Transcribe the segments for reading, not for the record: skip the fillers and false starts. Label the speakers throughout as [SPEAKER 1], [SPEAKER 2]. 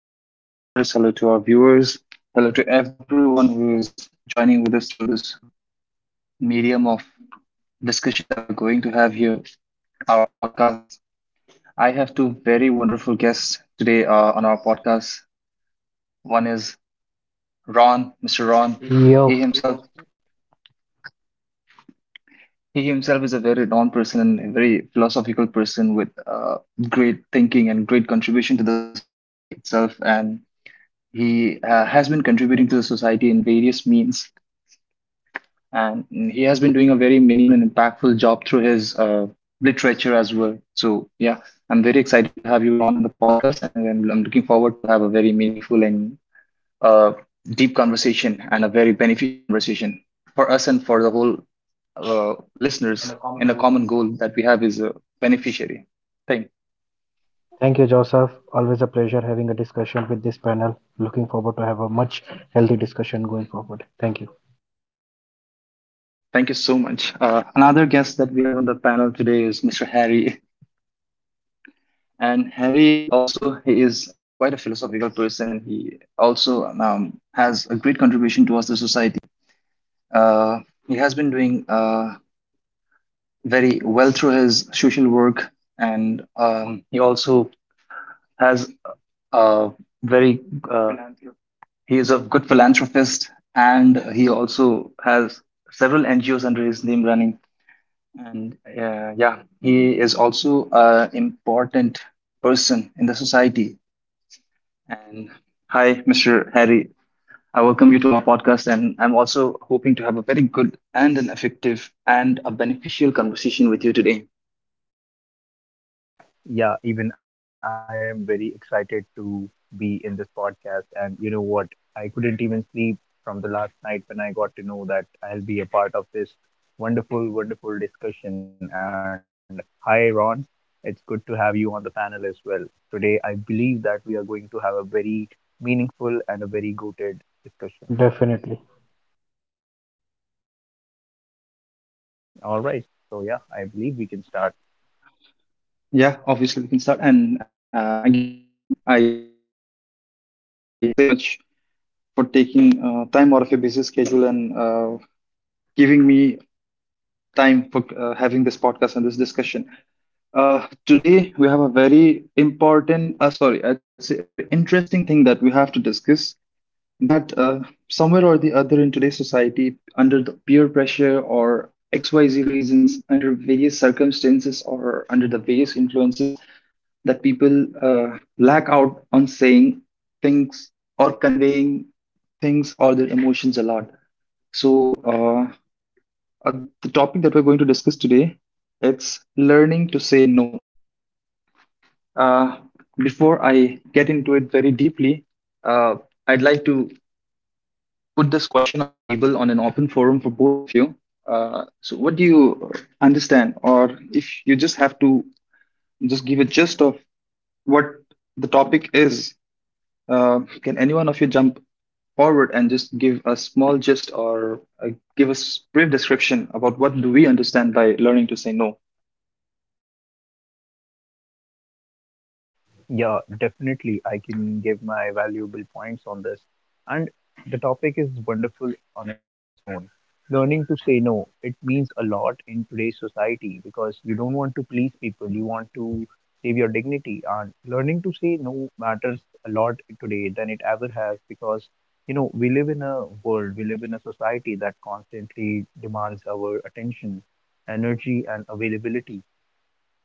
[SPEAKER 1] Okay, hello to our listeners, hello to our viewers, hello to everyone who is joining with us through this medium of discussion that we're going to have here, our podcast. I have two very wonderful guests today on our podcast. One is Ron, Mr. Ron. He
[SPEAKER 2] Yo,
[SPEAKER 1] himself, Yo, he himself is a very renowned person and a very philosophical person with great thinking and great contribution to the society itself. And he has been contributing to the society in various means, and he has been doing a very meaningful and impactful job through his literature as well. So yeah, I'm very excited to have you Ron on the podcast, and I'm looking forward to have a very meaningful and uh, deep conversation and a very beneficial conversation for us and for the whole listeners. And a common goal that we have is a beneficiary. Thank,
[SPEAKER 2] thank you, Joseph. Always a pleasure having a discussion with this panel. Looking forward to have a much healthy discussion going forward. Thank you.
[SPEAKER 1] thank you so much. Another guest that we have on the panel today is Mr. Harry. And Harry also, he is quite a philosophical person, and he also has a great contribution towards the society. Uh, he has been doing very well through his social work, and he also has a very uh, he is a good philanthropist, and he also has several NGOs under his name running. And yeah, he is also an important person in the society. And hi, Mr. Harry. I welcome you to our podcast, and I'm also hoping to have a very good and an effective and a beneficial conversation with you today.
[SPEAKER 3] Yeah, even I am very excited to be in this podcast. And you know what? I couldn't even sleep from the last night when I got to know that I'll be a part of this wonderful discussion. And hi, Ron. It's good to have you on the panel as well. Today, I believe that we are going to have a very meaningful and a very goated discussion.
[SPEAKER 2] Definitely.
[SPEAKER 3] All right. So, yeah, I believe we can start.
[SPEAKER 1] Yeah, obviously we can start. And again, I cannot say it enough, but again, thank you so much for taking time out of your busy schedule and giving me time for having this podcast and this discussion. Today we have a very important, sorry, I'd say a very interesting thing that we have to discuss, that somewhere or the other in today's society, under the peer pressure or XYZ reasons, under various circumstances or under the various influences, that people lack out on saying things or conveying things or their emotions a lot. So, the topic that we're going to discuss today, it's learning to say no. Uh, before I get into it very deeply, uh, I'd like to put this question on the table on an open forum for both of you. So, what do you understand, or if you just have to just give a gist of what the topic is, can anyone of you jump forward and just give a small gist or give a brief description about what do we understand by learning to say no?
[SPEAKER 3] Yeah, definitely. I can give my valuable points on this. And the topic is wonderful on its own. Learning to say no, it means a lot in today's society because you don't want to please people, you want to save your dignity. And learning to say no matters a lot today than it ever has because, you know, we live in a world, we live in a society that constantly demands our attention, energy, and availability.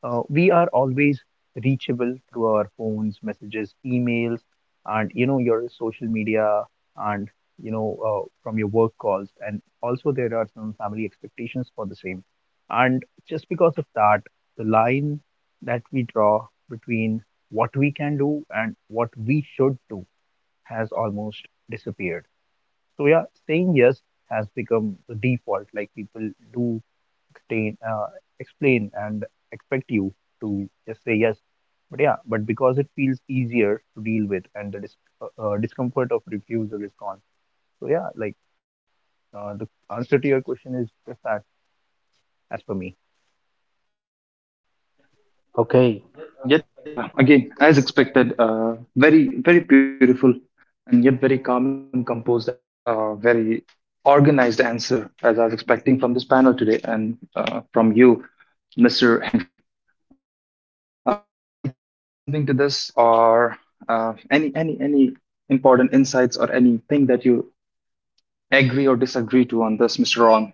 [SPEAKER 3] We are always reachable through our phones, messages, emails, and you know your social media, and from your work calls. And also there are some family expectations for the same. And just because of that, the line that we draw between what we can do and what we should do has almost disappeared. So yeah, saying yes has become the default. Like people do explain, explain and expect you to just say yes. But yeah, but because it feels easier to deal with and the discomfort of refusal is gone. So yeah, the answer to your question is just that, as per me.
[SPEAKER 2] Okay.
[SPEAKER 1] Yet, again, as expected, very very beautiful and yet very calm and composed and very organized answer as I was expecting from this panel today and from you, Mr. Henry. Would you like to add on something to this, or any important insights or anything that you agree or disagree to on this, Mr. Ron?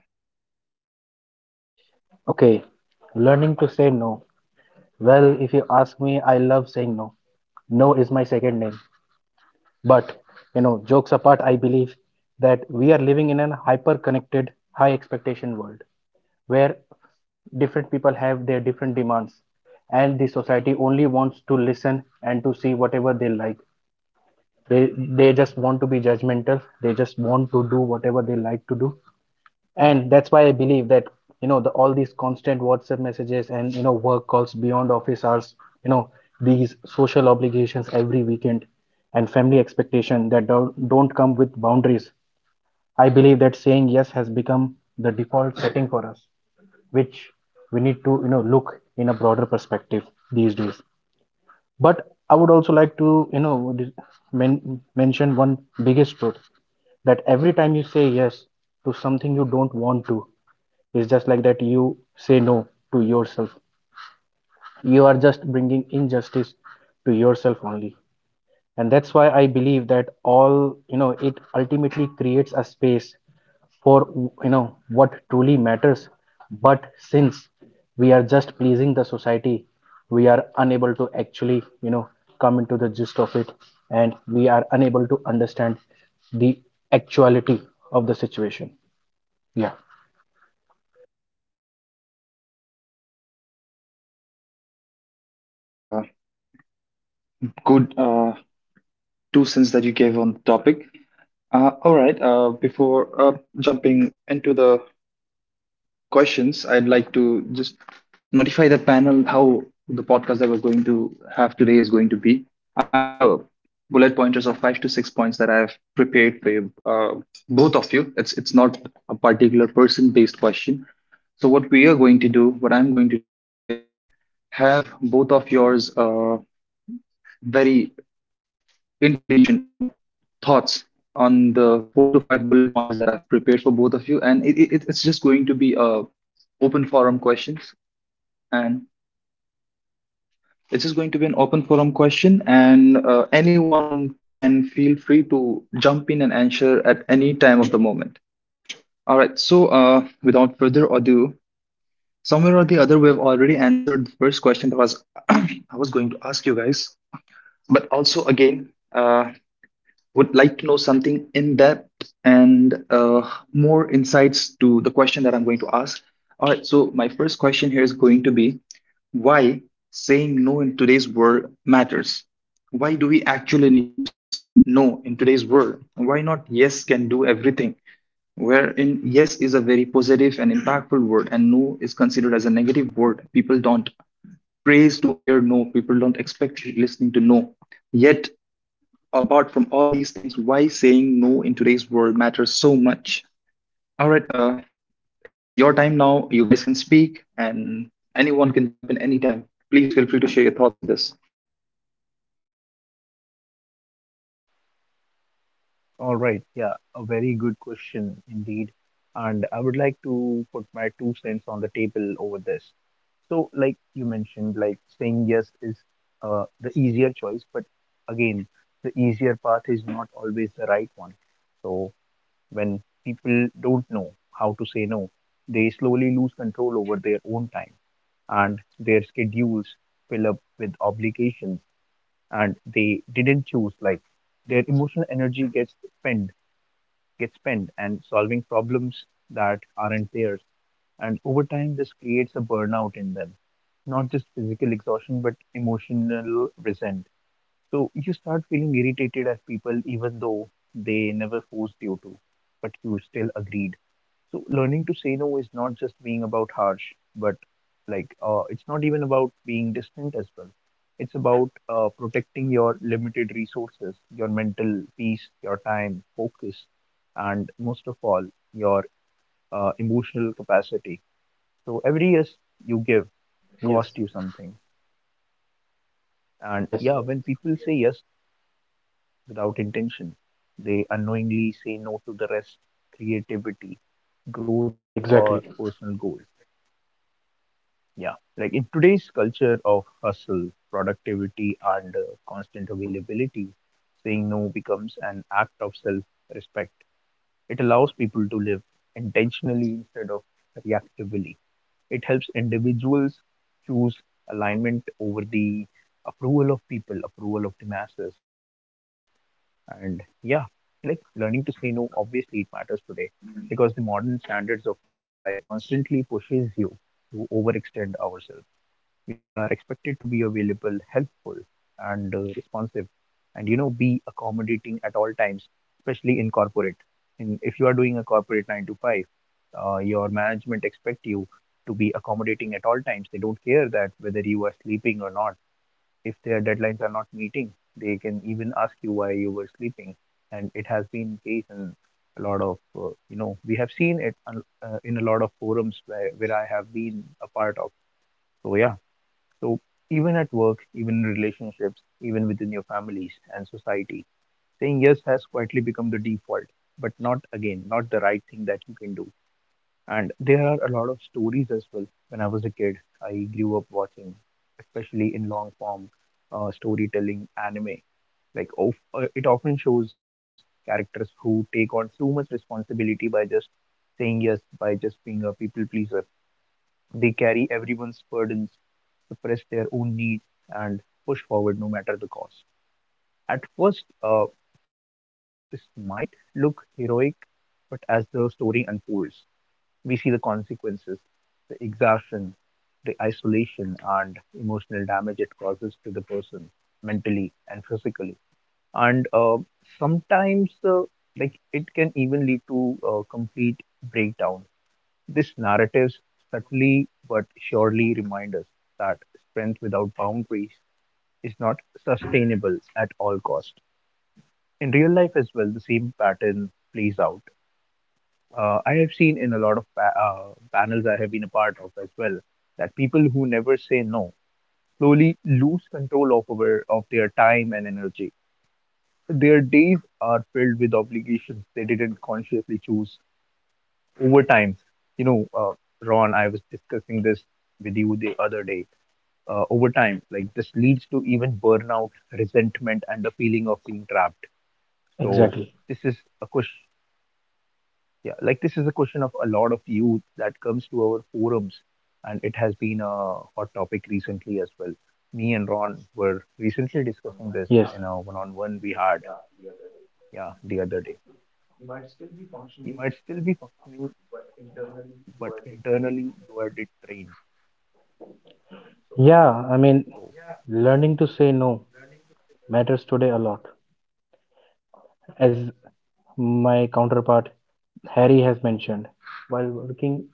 [SPEAKER 2] Okay. Learning to say no. Well, if you ask me, I love saying no. No is my second name. But, you know, jokes apart, I believe that we are living in a hyper connected, high expectation world where different people have their different demands, and the society only wants to listen and to see whatever they like. They just want to be judgmental. They just want to do whatever they like to do, and that's why I believe that, you know, all these constant WhatsApp messages and, you know, work calls beyond office hours, you know, these social obligations every weekend, and family expectation that don't come with boundaries. I believe that saying yes has become the default setting for us, which we need to, you know, look in a broader perspective these days. But I would also like to, you know, mention one biggest truth, that every time you say yes to something you don't want to, it's just like that you say no to yourself. You are just bringing injustice to yourself only, and that's why I believe that all, you know, it ultimately creates a space for, you know, what truly matters. But since we are just pleasing the society, we are unable to actually, you know, come into the gist of it, and we are unable to understand the actuality of the situation. Yeah.
[SPEAKER 1] Oh, that was a very good two cents that you gave on the topic. All right. Before jumping into the questions, I'd like to just notify the panel how the podcast that we're going to have today is going to be. I have a bullet pointers of five to six points that I've prepared for you, both of you. It's not a particular person based question. So what we are going to do, what I'm going to do, is have both of yours very intelligent of thoughts on the four to five bullet pointers that I've prepared for both of you, and it's just going to be a open forum questions, and it's just going to be an open forum question, and anyone can feel free to jump in and answer at any time of the moment. All right, so without further ado, somewhere or the other, we've already answered the first question that was I was going to ask you guys, but also again. Would like to know something in depth and more insights to the question that I'm going to ask. All right, so my first question here is going to be why saying no in today's world matters. Why do we actually need to say in no in today's world? Why not yes can do everything? Wherein yes is a very positive and impactful word, and no is considered as a negative word. People don't praise to hear no, people don't expect listening to no, yet apart from all these things, why saying no in today's world matters so much. All right, it's your time now. You guys can speak, and anyone can jump in anytime. Please feel free to share your thoughts on this.
[SPEAKER 3] All right, yeah, a very good question indeed. And I would like to put my two cents on the table over this. So, like you mentioned, like saying yes is the easier choice, but again, the easier path is not always the right one. So, when people don't know how to say no, they slowly lose control over their own time and their schedules fill up with obligations and they didn't choose. Like their emotional energy spent, gets spent, and solving problems that aren't theirs, and over time, this creates a burnout in them, not just physical exhaustion, but emotional resent. So you start feeling irritated at people even though they never forced you to, but you still agreed. So learning to say no is not just being about harsh, but it's not even about being distant as well. It's about protecting your limited resources, your mental peace, your time, focus, and most of all, your emotional capacity. So every yes you give cost
[SPEAKER 2] Yes.
[SPEAKER 3] you something. And
[SPEAKER 2] Yes.
[SPEAKER 3] yeah, when people say yes without intention, they unknowingly say no to the rest, creativity, growth, or
[SPEAKER 2] Exactly.
[SPEAKER 3] personal goals. Yeah, like in today's culture of hustle, productivity, and constant availability, saying no becomes an act of self respect. It allows people to live intentionally instead of reactively. It helps individuals choose alignment over the approval of people, approval of the masses. And yeah, like learning to say no, obviously it matters today because the modern standards of life constantly pushes you to overextend ourselves. We are expected to be available, helpful, and responsive, and you know, be accommodating at all times, especially in corporate. If you are doing a corporate nine to five, your management expect you to be accommodating at all times. They don't care that whether you are sleeping or not. If their deadlines are not meeting, they can even ask you why you were sleeping. And it has been case in you know, we have seen it in a lot of forums where I have been a part of. So yeah, so, even at work, even in relationships, even within your families and society, saying yes has quietly become the default, but not again, not the right thing that you can do. And there are a lot of stories as well. When I was a kid, I grew up watching, especially in long form storytelling anime. It often shows characters who take on too much responsibility by just saying yes, by just being a people pleaser. They carry everyone's burdens, suppress their own needs, and push forward no matter the cost. At first, this might look heroic, but as the story unfolds, we see the consequences, the exhaustion, the isolation, and emotional damage it causes to the person mentally and physically. And sometimes, uh, like it can even lead to complete breakdown. These narratives subtly but surely remind us that strength without boundaries is not sustainable at all cost. In real life as well, the same pattern plays out. I have seen in a lot of panels I have been a part of as well that people who never say no slowly lose control of their time and energy. Their days are filled with obligations they didn't consciously choose over time. You know, Ron, I was discussing this with you the other day. Over time, like this leads to even burnout, resentment, and the feeling of being trapped. So
[SPEAKER 2] Exactly.
[SPEAKER 3] this is a question, yeah, like this is a question of a lot of youth that comes to our forums, and it has been a hot topic recently as well. Me and Ron were recently discussing this
[SPEAKER 2] Yes.
[SPEAKER 3] in a one-on-one we had, yeah, the other day. You might still be functioning, but internally you are detrained.
[SPEAKER 2] Yeah, I mean,
[SPEAKER 3] So
[SPEAKER 2] learning to say no matters today a lot. As my counterpart Harry has mentioned, while working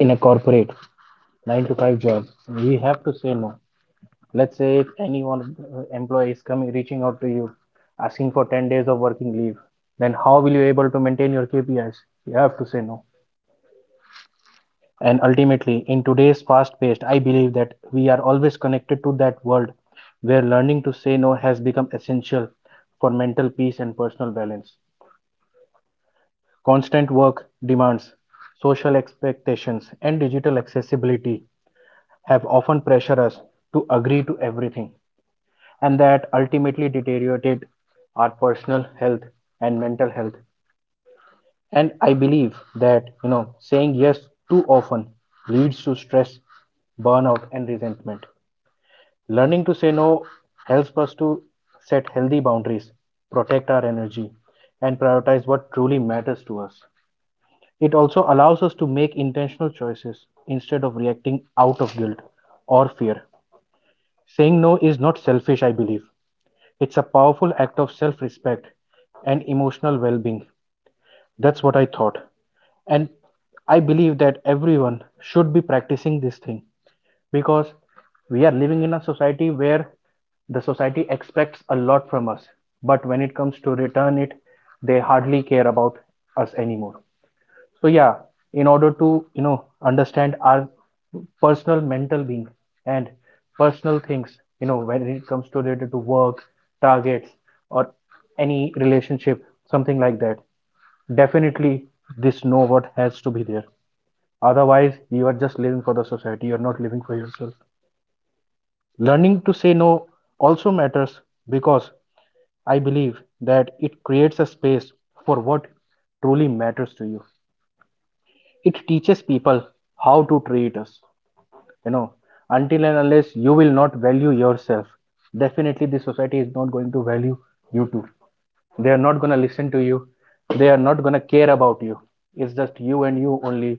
[SPEAKER 2] in a corporate nine to five job, we have to say no. Let's say if anyone employee is coming reaching out to you asking for 10 days of working leave, then how will you be able to maintain your KPIs? You have to say no. And ultimately, in today's fast paced, I believe that we are always connected to that world where learning to say no has become essential for mental peace and personal balance. Constant work demands, social expectations, and digital accessibility have often pressured us to agree to everything, and that ultimately deteriorated our personal health and mental health. And I believe that, you know, saying yes too often leads to stress, burnout, and resentment. Learning to say no helps us to set healthy boundaries, protect our energy, and prioritize what truly matters to us. It also allows us to make intentional choices instead of reacting out of guilt or fear. Saying no is not selfish, I believe. It's a powerful act of self respect and emotional well being. That's what I thought. And I believe that everyone should be practicing this thing, because we are living in a society where the society expects a lot from us. But when it comes to return it, they hardly care about us anymore. So yeah, in order to, you know, understand our personal mental being and personal things, you know, when it comes to related to work, targets, or any relationship, something like that, definitely this know what has to be there. Otherwise you are just living for the society, you are not living for yourself. Learning to say no also matters because I believe that it creates a space for what truly matters to you. It teaches people how to treat us. You know, until and unless you will not value yourself, definitely the society is not going to value you too. They are not going to listen to you, they are not going to care about you. It's just you and you only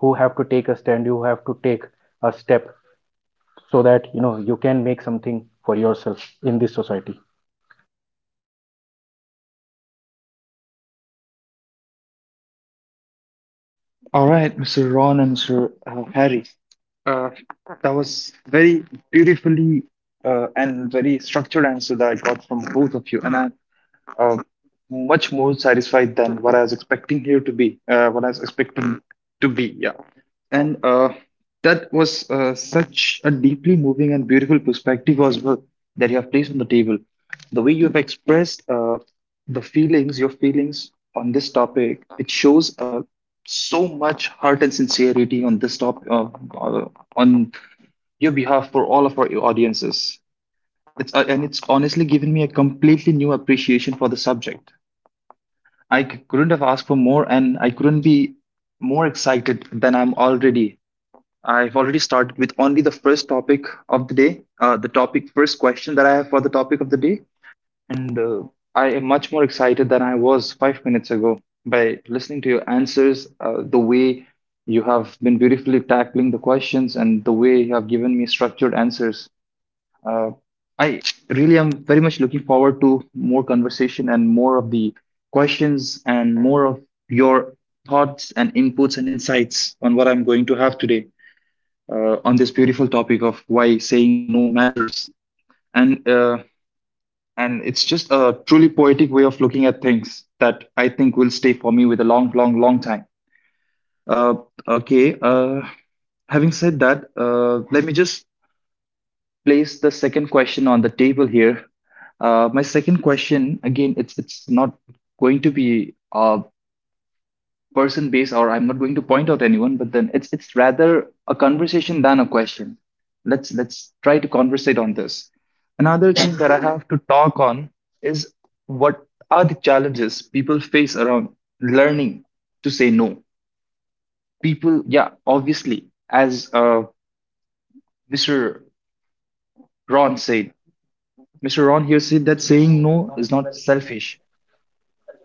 [SPEAKER 2] who have to take a stand. You have to take a step, so that, you know, you can make something for yourself in this society.
[SPEAKER 1] All right, Mr. Ron and Mr. Harry. Uh, that was very beautifully and very structured answer that I got from both of you, and I uh, much more satisfied than what I was expecting here to be, what I was expecting to be. Yeah, and that was such a deeply moving and beautiful perspective as well that you have placed on the table. The way you have expressed the feelings, your feelings on this topic, it shows so much heart and sincerity on this topic uh, on your behalf for all of our audiences. It's and it's honestly given me a completely new appreciation for the subject. I couldn't have asked for more, and I couldn't be more excited than I'm already. I've already started with only the first topic of the day, the topic first question that I have for the topic of the day, and I am much more excited than I was 5 minutes ago by listening to your answers, the way you have been beautifully tackling the questions, and the way you have given me structured answers. Uh, I really am very much looking forward to more conversation and more of the questions and more of your thoughts and inputs and insights on what I'm going to have today on this beautiful topic of why saying no matters. And uh, and it's just a truly poetic way of looking at things that I think will stay for me with a long, long, long time. Uh, okay. Having said that, let me just place the second question on the table here. My second question, again, it's not going to be person based, or I'm not going to point out anyone, but then it's rather a conversation than a question. Let's try to conversate on this. Another thing that I have to talk on is what are the challenges people face around learning to say no. People, yeah, obviously, as Mr. Ron said, Mr. Ron here said that
[SPEAKER 2] Yes.
[SPEAKER 1] saying no is not selfish.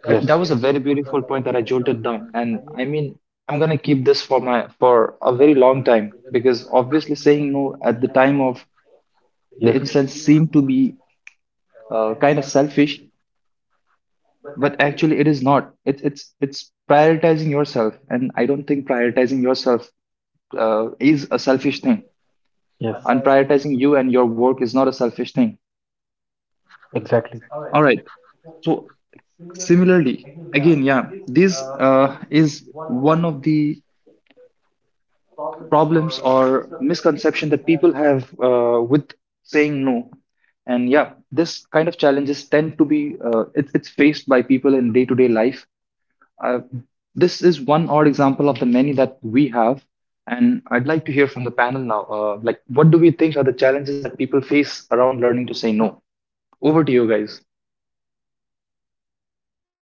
[SPEAKER 1] That
[SPEAKER 2] Yes.
[SPEAKER 1] was a very beautiful point that I jolted down. And I mean, I'm gonna keep this for my for a very long time, because obviously saying no at the time of the instance seemed to be kind of selfish, but actually it is not. It's prioritizing yourself, and I don't think prioritizing yourself is a selfish thing.
[SPEAKER 2] Yes.
[SPEAKER 1] And prioritizing
[SPEAKER 2] Yes.
[SPEAKER 1] you and your work is not a selfish thing.
[SPEAKER 2] Exactly.
[SPEAKER 1] All right. So, similarly, again, yeah, this is one of the problems or misconception that people have with saying no, and yeah, this kind of challenges tend to be it's faced by people in day-to-day life, uh, this is one odd example of the many that we have, and I'd like to hear from the panel now, like what do we think are the challenges that people face around learning to say no. Over to you guys.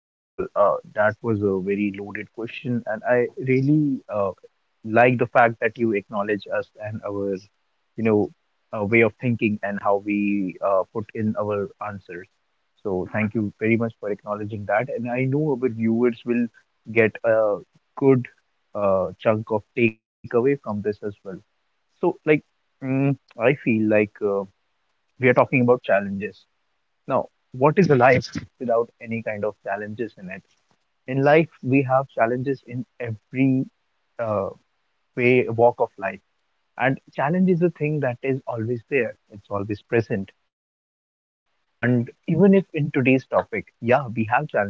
[SPEAKER 3] well, that was a very loaded question, and I really like the fact that you acknowledge us and our, you know, way of thinking and how we put in our answers. So thank you very much for acknowledging that. And I know our viewers will get a good chunk of takeaway from this as well. So, like, mm, I feel like we are talking about challenges. Now, what is a life without any kind of challenges in it? In life, we have challenges in every uh, walk of life. And challenge is a thing that is always there, it's always present. And even if in today's topic, yeah, we have challenges.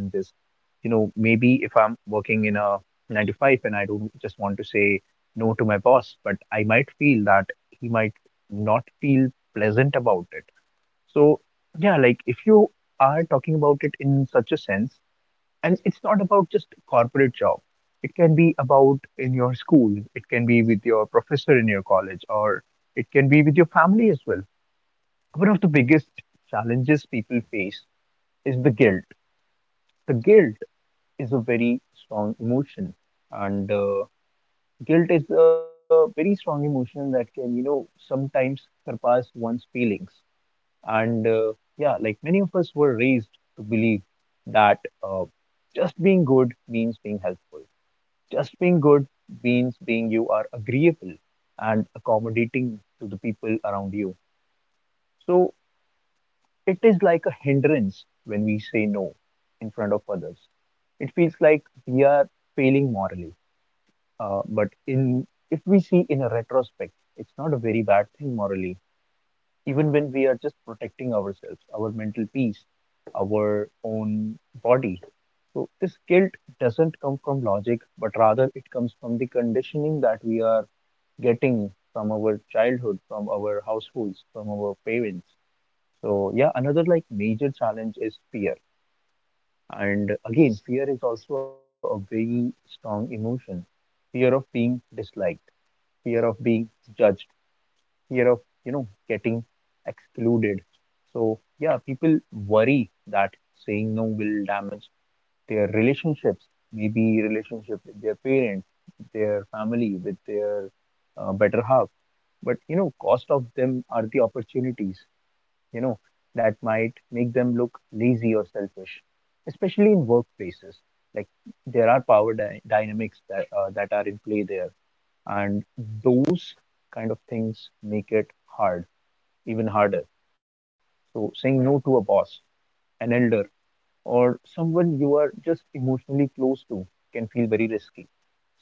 [SPEAKER 3] You know, maybe if I'm working in a nine to five and I don't just want to say no to my boss, but I might feel that he might not feel pleasant about it. So, yeah, like if you are talking about it in such a sense, and it's not about just corporate job, it can be about in your school, it can be with your professor in your college, or it can be with your family as well. One of the biggest challenges people face is the guilt. The guilt is a very strong emotion, and guilt is a very strong emotion that can you know sometimes surpass one's feelings. And Yeah, like many of us were raised to believe that uh, just being good means being helpful. Just being good means being you are agreeable and accommodating to the people around you. So it is like a hindrance when we say no in front of others. It feels like we are failing morally. But in if we see in a retrospect, it's not a very bad thing morally. Even when we are just protecting ourselves, our mental peace, our own body. So this guilt doesn't come from logic, but rather it comes from the conditioning that we are getting from our childhood, from our households, from our parents. So yeah, another like major challenge is fear. And again, fear is also a very strong emotion. Fear of being disliked, fear of being judged, fear of, you know, getting excluded. So yeah, people worry that saying no will damage their relationships, maybe relationship with their parents, with their family, with their better half, but you know cost of them are the opportunities, you know, that might make them look lazy or selfish, especially in workplaces. Like there are power dynamics that that are in play there, and those kind of things make it hard even harder. So saying no to a boss, an elder, or someone you are just emotionally close to can feel very risky.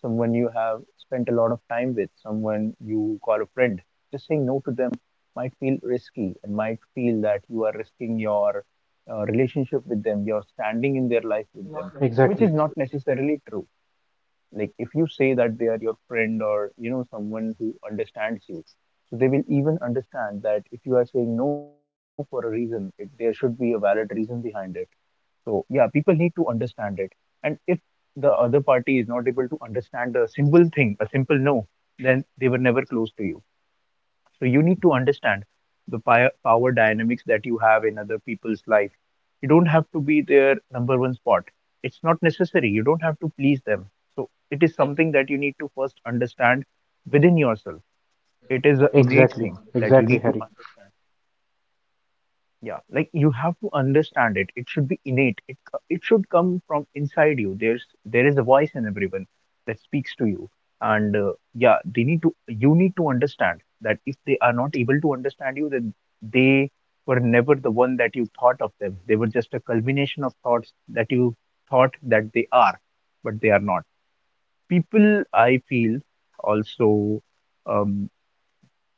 [SPEAKER 3] Someone you have spent a lot of time with, someone you call a friend, just saying no to them might feel risky and might feel that you are risking your relationship with them, your standing in their life with them, which
[SPEAKER 2] Exactly.
[SPEAKER 3] is not necessarily true. Like if you say that they are your friend or you know someone who understands you, so they will even understand that if you are saying no for a reason, it, there should be a valid reason behind it. So yeah, people need to understand it. And if the other party is not able to understand the simple thing, a simple no, then they were never close to you. So you need to understand the power dynamics that you have in other people's life. You don't have to be their number one spot. It's not necessary. You don't have to please them. So it is something that you need to first understand within yourself. It is an innate
[SPEAKER 2] Exactly.
[SPEAKER 3] thing that you
[SPEAKER 2] Exactly,
[SPEAKER 3] need to
[SPEAKER 2] Harry.
[SPEAKER 3] understand. Yeah, like you have to understand it. It should be innate. It should come from inside you. There is a voice in everyone that speaks to you, and yeah, they need to. You need to understand that if they are not able to understand you, then they were never the one that you thought of them. They were just a culmination of thoughts that you thought that they are, but they are not. People, I feel, also. Um,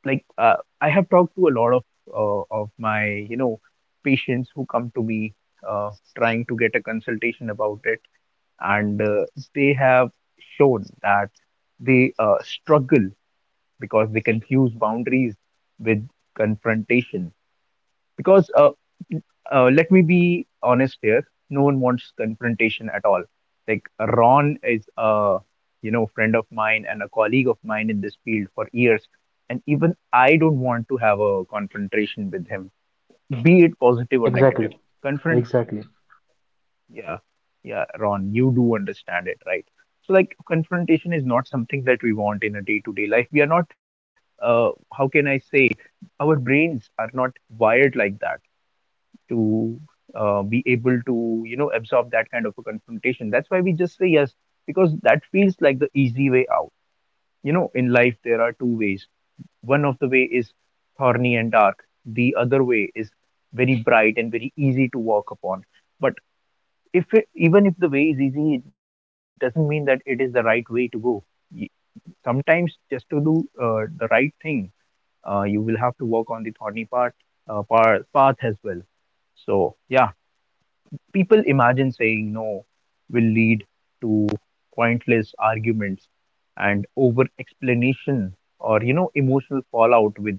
[SPEAKER 3] like I have talked to a lot of of my patients who come to me, uh, trying to get a consultation about it. And they have shown that they struggle because they confuse boundaries with confrontation, because let me be honest here. No one wants confrontation at all. Like, Ron is a friend of mine and a colleague of mine in this field for years, and even I don't want to have a confrontation with him, be it positive or negative.
[SPEAKER 2] Exactly.
[SPEAKER 3] Confront
[SPEAKER 2] Exactly.
[SPEAKER 3] Yeah, yeah, Ron, you do understand it, right? So, like, confrontation is not something that we want in a day-to-day life. We are not, uh, how can I say, our brains are not wired like that to be able to absorb that kind of a confrontation. That's why we just say yes, because that feels like the easy way out. In life there are two ways. One of the way is thorny and dark. The other way is very bright and very easy to walk upon. But if it, even if the way is easy, it doesn't mean that it is the right way to go. Y- Sometimes, just to do the right thing, you will have to walk on the thorny path as well. So yeah. People imagine saying no will lead to pointless arguments and over explanation, or emotional fallout with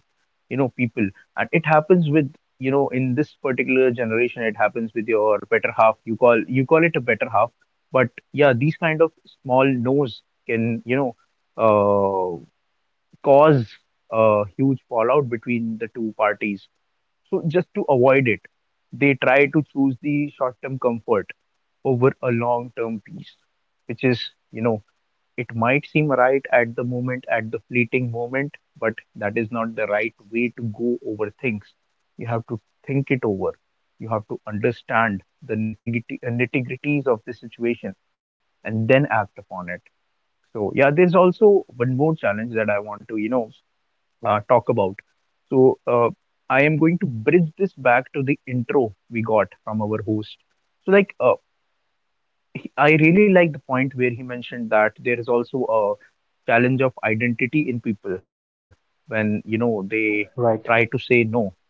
[SPEAKER 3] people. And it happens with, in this particular generation, it happens with your better half. You call it a better half, but yeah, these kind of small no's can, uh, cause a huge fallout between the two parties. So just to avoid it, they try to choose the short term comfort over a long-term piece, which is, you know, it might seem right at the moment, at the fleeting moment, but that is not the right way to go over things. You have to think it over. You have to understand the nitty-gritties of the situation and then act upon it. So yeah, there's also one more challenge that I want to, talk about. So I am going to bridge this back to the intro we got from our host. So, like, I really like the point where he mentioned that there is also a challenge of identity in people when they
[SPEAKER 2] Right.
[SPEAKER 3] try to say no.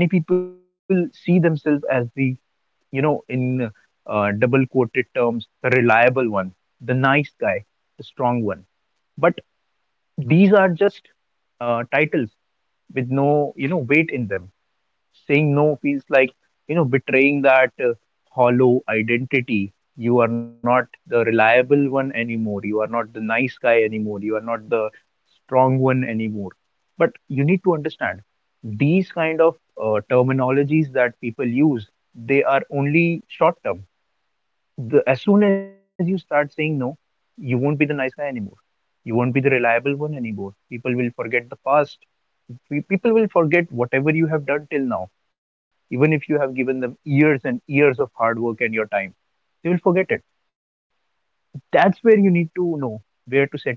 [SPEAKER 3] Like, many people see themselves as the, you know in double quoted terms, the reliable one, the nice guy, the strong one. But these are just titles with no weight in them. Saying no feels like betraying that hollow identity. You are not the reliable one anymore. You are not the nice guy anymore. You are not the strong one anymore. But you need to understand these kind of terminologies that people use. They are only short term. As soon as you start saying no, you won't be the nice guy anymore. You won't be the reliable one anymore. People will forget the past. People will forget whatever you have done till now, even if you have given them years and years of hard work and your time. They will forget it. That's where you need to know where to set your boundaries.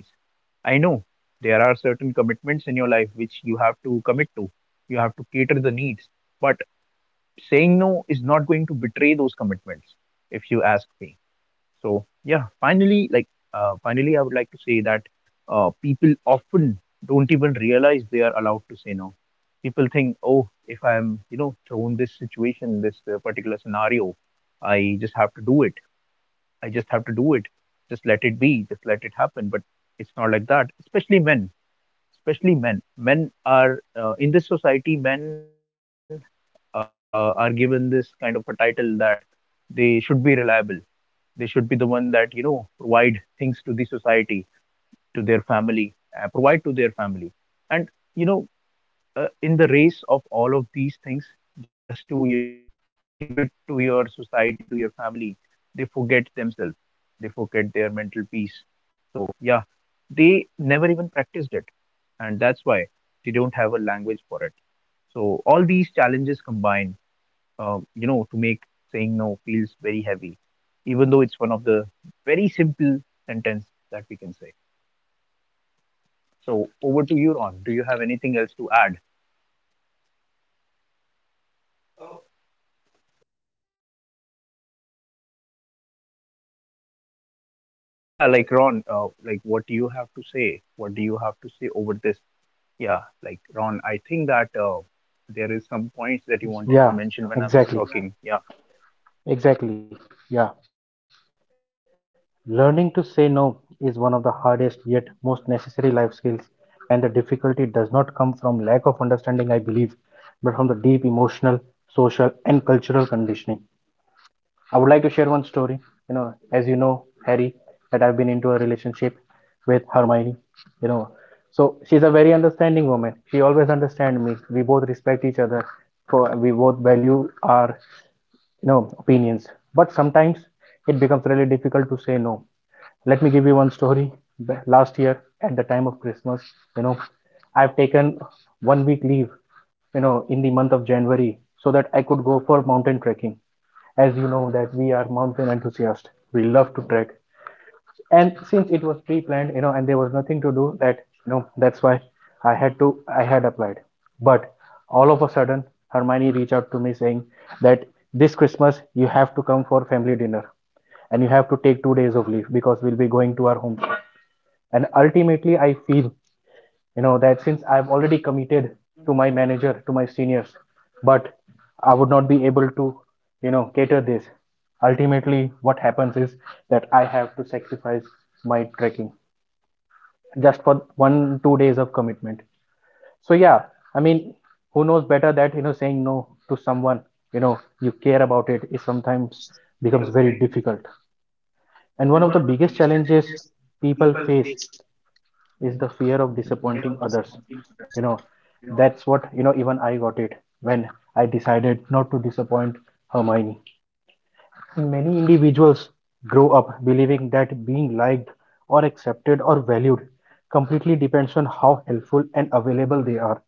[SPEAKER 3] I know there are certain commitments in your life which you have to commit to. You have to cater the needs. But saying no is not going to betray those commitments, if you ask me. So yeah, finally, I would like to say that people often don't even realize they are allowed to say no. People think, oh, if I'm thrown this situation, this particular scenario, I just have to do it. I just have to do it. Just let it be. Just let it happen. But it's not like that. Especially men. Especially men. Men are, in this society. Men are given this kind of a title that they should be reliable. They should be the one that provide things to the society, to their family, provide to their family, and you know in the race of all of these things, just to give it to your society, to your family, they forget themselves, they forget their mental peace. So yeah, they never even practiced it, and that's why they don't have a language for it. So all these challenges combine, to make saying no feels very heavy, even though it's one of the very simple sentence that we can say. So over to you, Ron. Do you have anything else to add?
[SPEAKER 1] uh, Mr. Ron, before you say something, like Harry, like honestly, Harry.
[SPEAKER 3] Yeah, like, Ron, what do you have to say? What do you have to say over this? Yeah, like, Ron, I think that there is some points that you wanted to
[SPEAKER 2] Yeah.
[SPEAKER 3] mention when I was
[SPEAKER 2] Exactly.
[SPEAKER 3] talking. Yeah.
[SPEAKER 2] Exactly. Yeah. Learning to say no is one of the hardest yet most necessary life skills, and the difficulty does not come from lack of understanding, I believe, but from the deep emotional, social, and cultural conditioning. I would like to share one story. You know,
[SPEAKER 1] Correct,
[SPEAKER 2] as you
[SPEAKER 1] correct,
[SPEAKER 2] know, Harry,
[SPEAKER 1] correct.
[SPEAKER 2] that I've been into a relationship with Hermione. You know, so she's a very understanding woman. She always understands me. We both respect each other. For we both value our, you know, opinions. But sometimes it becomes really difficult to say no. Let me give you one story. Last year, at the time of Christmas, you know, I've taken 1 week leave, you know, in the month of January, so that I could go for mountain trekking. As you know that we are mountain enthusiasts, we love to trek, and since it was pre-planned, you know, and there was nothing to do that, you know, that's why I had applied. But all of a sudden, Hermione reached out to me saying that this Christmas you have to come for family dinner, and you have to take 2 days of leave because we'll be going to our home. And ultimately I feel, you know, that since I've already committed to my manager, to my seniors, but I would not be able to, you know, cater this. Ultimately what happens is that I have to sacrifice my trekking just for one two days of commitment. So yeah, I mean, who knows better that, you know, saying no to someone, you know, you care about, it is sometimes becomes very difficult. And one of the biggest challenges people face is the fear of disappointing others. You know, that's what, you know, even I got it when I decided not to disappoint Hermione. Many individuals grow up believing that being liked or accepted or valued completely depends on how helpful and available they are.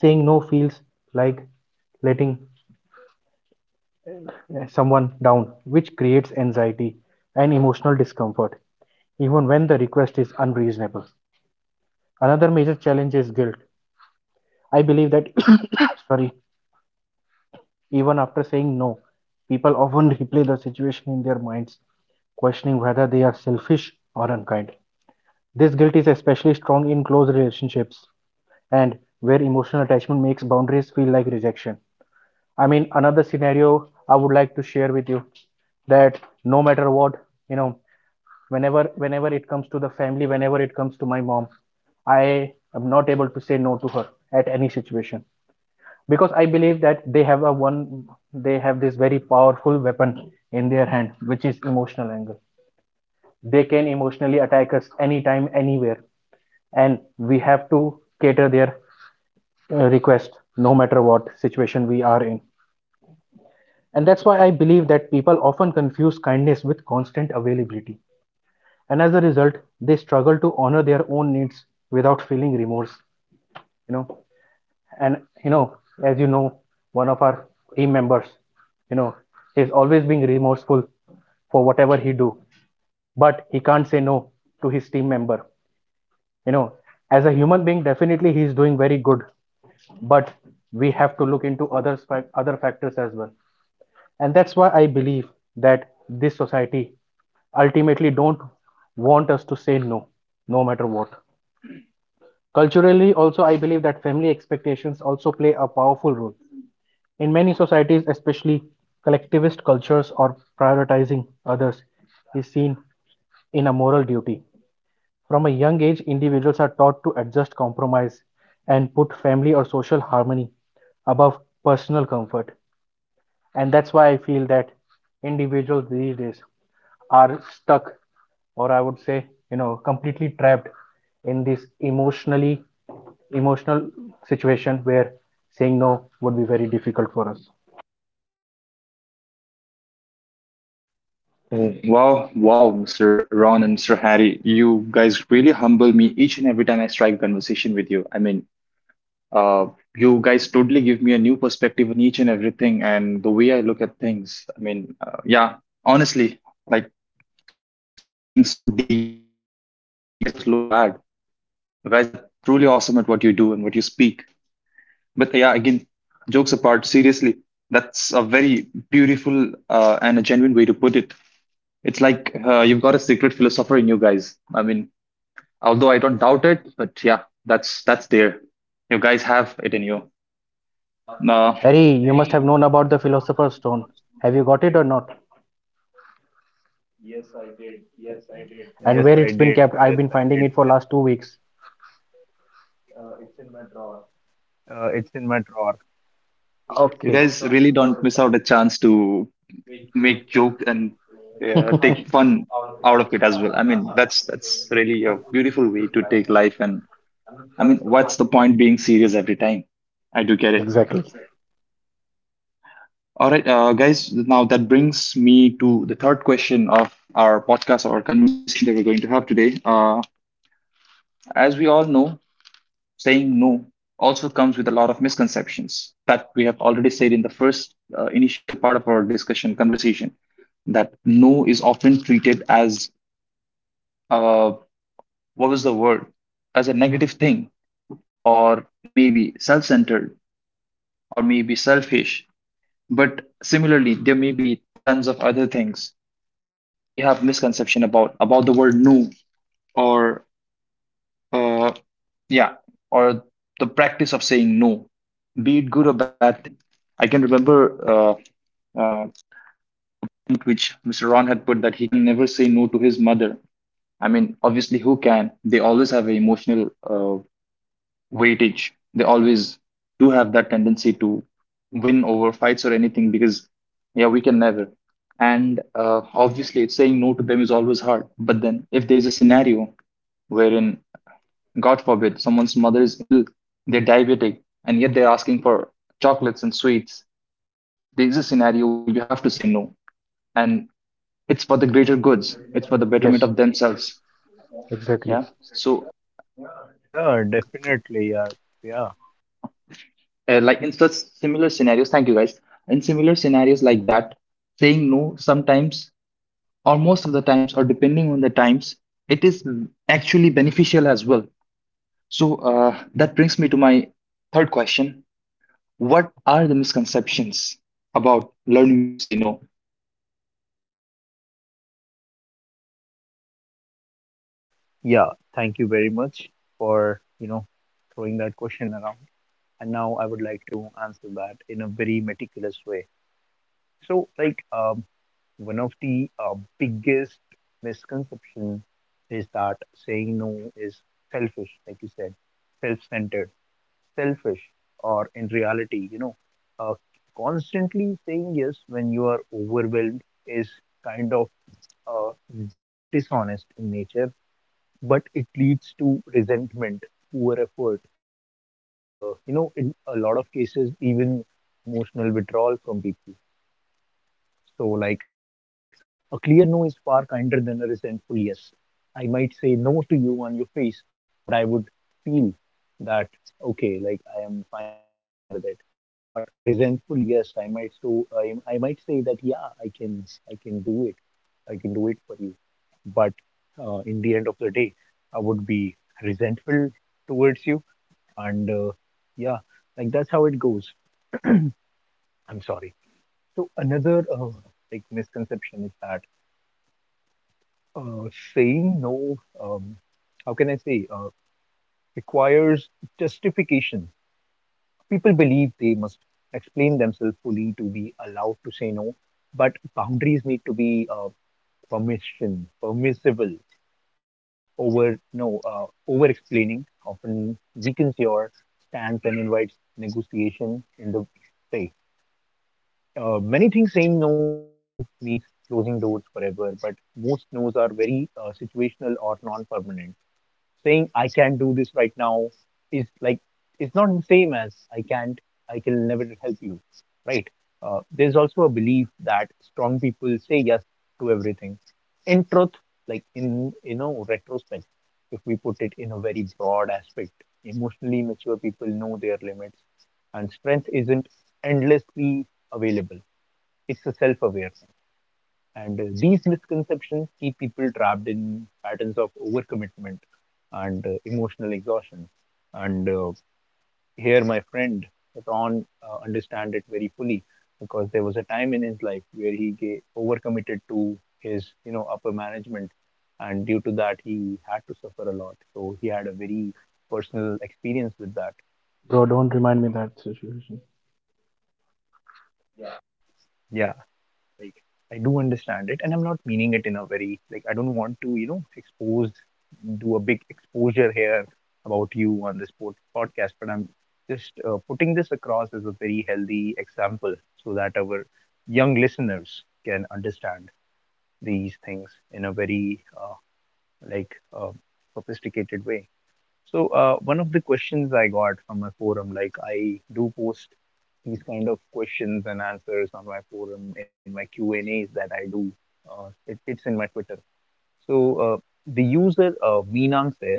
[SPEAKER 2] Saying no feels like letting someone down, which creates anxiety and emotional discomfort, even when the request is unreasonable. Another major challenge is guilt. I believe that, sorry, even after saying no, people often replay the situation in their minds, questioning whether they are selfish or unkind. This guilt is especially strong in close relationships and where emotional attachment makes boundaries feel like rejection. I mean, another scenario I would like to share with you, that no matter what, you know, whenever it comes to the family, whenever it comes to my mom, I am not able to say no to her at any situation. Because I believe that they have a one, they have this very powerful weapon in their hand, which is emotional anger. They can emotionally attack us anytime, anywhere, and we have to cater their request, no matter what situation we are in. And that's why I believe that people often confuse kindness with constant availability, and as a result they struggle to honor their own needs without feeling remorse, you know. And, you know, as you know, one of our team members, you know, is always being remorseful for whatever he do, but he can't say no to his team member. You know, as a human being definitely he's doing very good, but we have to look into other other factors as well. And that's why I believe that this society ultimately don't want us to say no, no matter what. Culturally also, I believe that family expectations also play a powerful role. In many societies, especially collectivist cultures or prioritizing others, is seen in a moral duty. From a young age, individuals are taught to adjust compromise and put family or social harmony above personal comfort. And that's why I feel that individuals these days are stuck, or I would say, you know, completely trapped in this emotional situation where saying no would be very difficult for us.
[SPEAKER 1] Wow wow, Mr. Ron and Mr. Harry, you guys really humble me each and every time I strike a conversation with you. I mean, uh, you guys totally give me a new perspective on each and everything and the way I look at things. I mean, yeah, honestly, like, stop being so deep. You guys make the rest of us look bad. You guys are truly awesome at what you do and what you speak. But yeah, again, jokes apart, seriously, that's a very beautiful and a genuine way to put it. It's like you've got a secret philosopher in you guys. I mean, although I don't doubt it, but yeah, that's there. You guys have it in you. No,
[SPEAKER 2] Harry, you must have known about the Philosopher's Stone. Have you got it or not?
[SPEAKER 3] Yes, I did.
[SPEAKER 2] And where
[SPEAKER 3] Yes,
[SPEAKER 2] it's
[SPEAKER 3] I
[SPEAKER 2] been kept?
[SPEAKER 3] did.
[SPEAKER 2] I've been
[SPEAKER 3] And
[SPEAKER 2] finding it for last 2 weeks.
[SPEAKER 3] it's in my drawer.
[SPEAKER 1] you
[SPEAKER 2] Okay.
[SPEAKER 1] guys really don't miss out a chance to make joke and take fun out of it as well. I mean, that's really a beautiful way to take life. And I mean, what's the point being serious every time? I do get it.
[SPEAKER 2] Exactly.
[SPEAKER 1] All right, guys. Now that brings me to the third question of our podcast, or conversation that we're going to have today. As we all know, saying no also comes with a lot of misconceptions that we have already said in the first initial part of our discussion conversation that no is often treated as uh, what was the word, as a negative thing or maybe self-centered or maybe selfish, but similarly there may be tons of other things that we have misconception about the word no, or Uh, yeah, or the practice of saying no, be it good or bad thing. I can remember uh, tweet which Mr. Ron had put that he can never say no to his mother. I mean, obviously, who can? They always have an emotional weightage. They always do have that tendency to win over fights or anything because, yeah, we can never. And obviously, it's saying no to them is always hard. But then, if there's a scenario wherein, God forbid, someone's mother is ill, they're diabetic, and yet they're asking for chocolates and sweets. There's a scenario where you have to say no, and it's for the greater goods. It's for the betterment
[SPEAKER 2] Yes,
[SPEAKER 1] of themselves.
[SPEAKER 2] exactly.
[SPEAKER 1] Yeah. So,
[SPEAKER 3] Yeah, definitely. Yeah. Yeah.
[SPEAKER 1] like in such similar scenarios, thank you guys. In similar scenarios like that, saying no sometimes or most of the times or depending on the times, it is actually beneficial as well. So that brings me to my third question. What are the misconceptions about learning to say no?
[SPEAKER 3] Yeah, thank you very much for, throwing that question around. And now I would like to answer that in a very meticulous way. So, like, one of the biggest misconception is that saying no is selfish, like you said, self-centered, selfish, or in reality, uh, constantly saying yes when you are overwhelmed is kind of uh, dishonest in nature, but it leads to resentment, poor effort, and in a lot of cases, even emotional withdrawal from people. So, like, a clear no is far kinder than a resentful yes. I might say no to you on your face, but I would feel that, okay, like, I am fine with it. But a resentful yes, I might say that, yeah, I can I can do it. I can do it for you, but in the end of the day, I would be resentful towards you. And yeah, like, that's how it goes. I'm sorry. So another like misconception is that, uh, saying no, um, how can I say, requires justification. People believe they must explain themselves fully to be allowed to say no, but boundaries need to be, permissible. Over no, over explaining often weakens your stance and invites negotiation in the way. Many things, saying no means closing doors forever, but most no's are very situational or non-permanent. Saying I can't do this right now is, like, it's not the same as I can't, I can never help you, right? There's also a belief that strong people say yes to everything. In truth, like, in retrospect, if we put it in a very broad aspect, emotionally mature people know their limits, and strength isn't endlessly available. It's a self-awareness. And these misconceptions keep people trapped in patterns of overcommitment and emotional exhaustion. And here, my friend Ron understand it very fully, because there was a time in his life where he ga overcommitted to his, upper management, and due to that, he had to suffer a lot. So he had a very personal experience with that.
[SPEAKER 2] Bro, don't remind me that situation.
[SPEAKER 3] Yeah. Like, I do understand it, and I'm not meaning it in a very, like, I don't want to expose do a big exposure here about you on this podcast, but I'm just putting this across as a very healthy example so that our young listeners can understand these things in a very like, sophisticated way. So one of the questions I got from my forum, like, I do post these kind of questions and answers on my forum in my Q&A's that I do. It's in my Twitter. So the user, Meenang, says,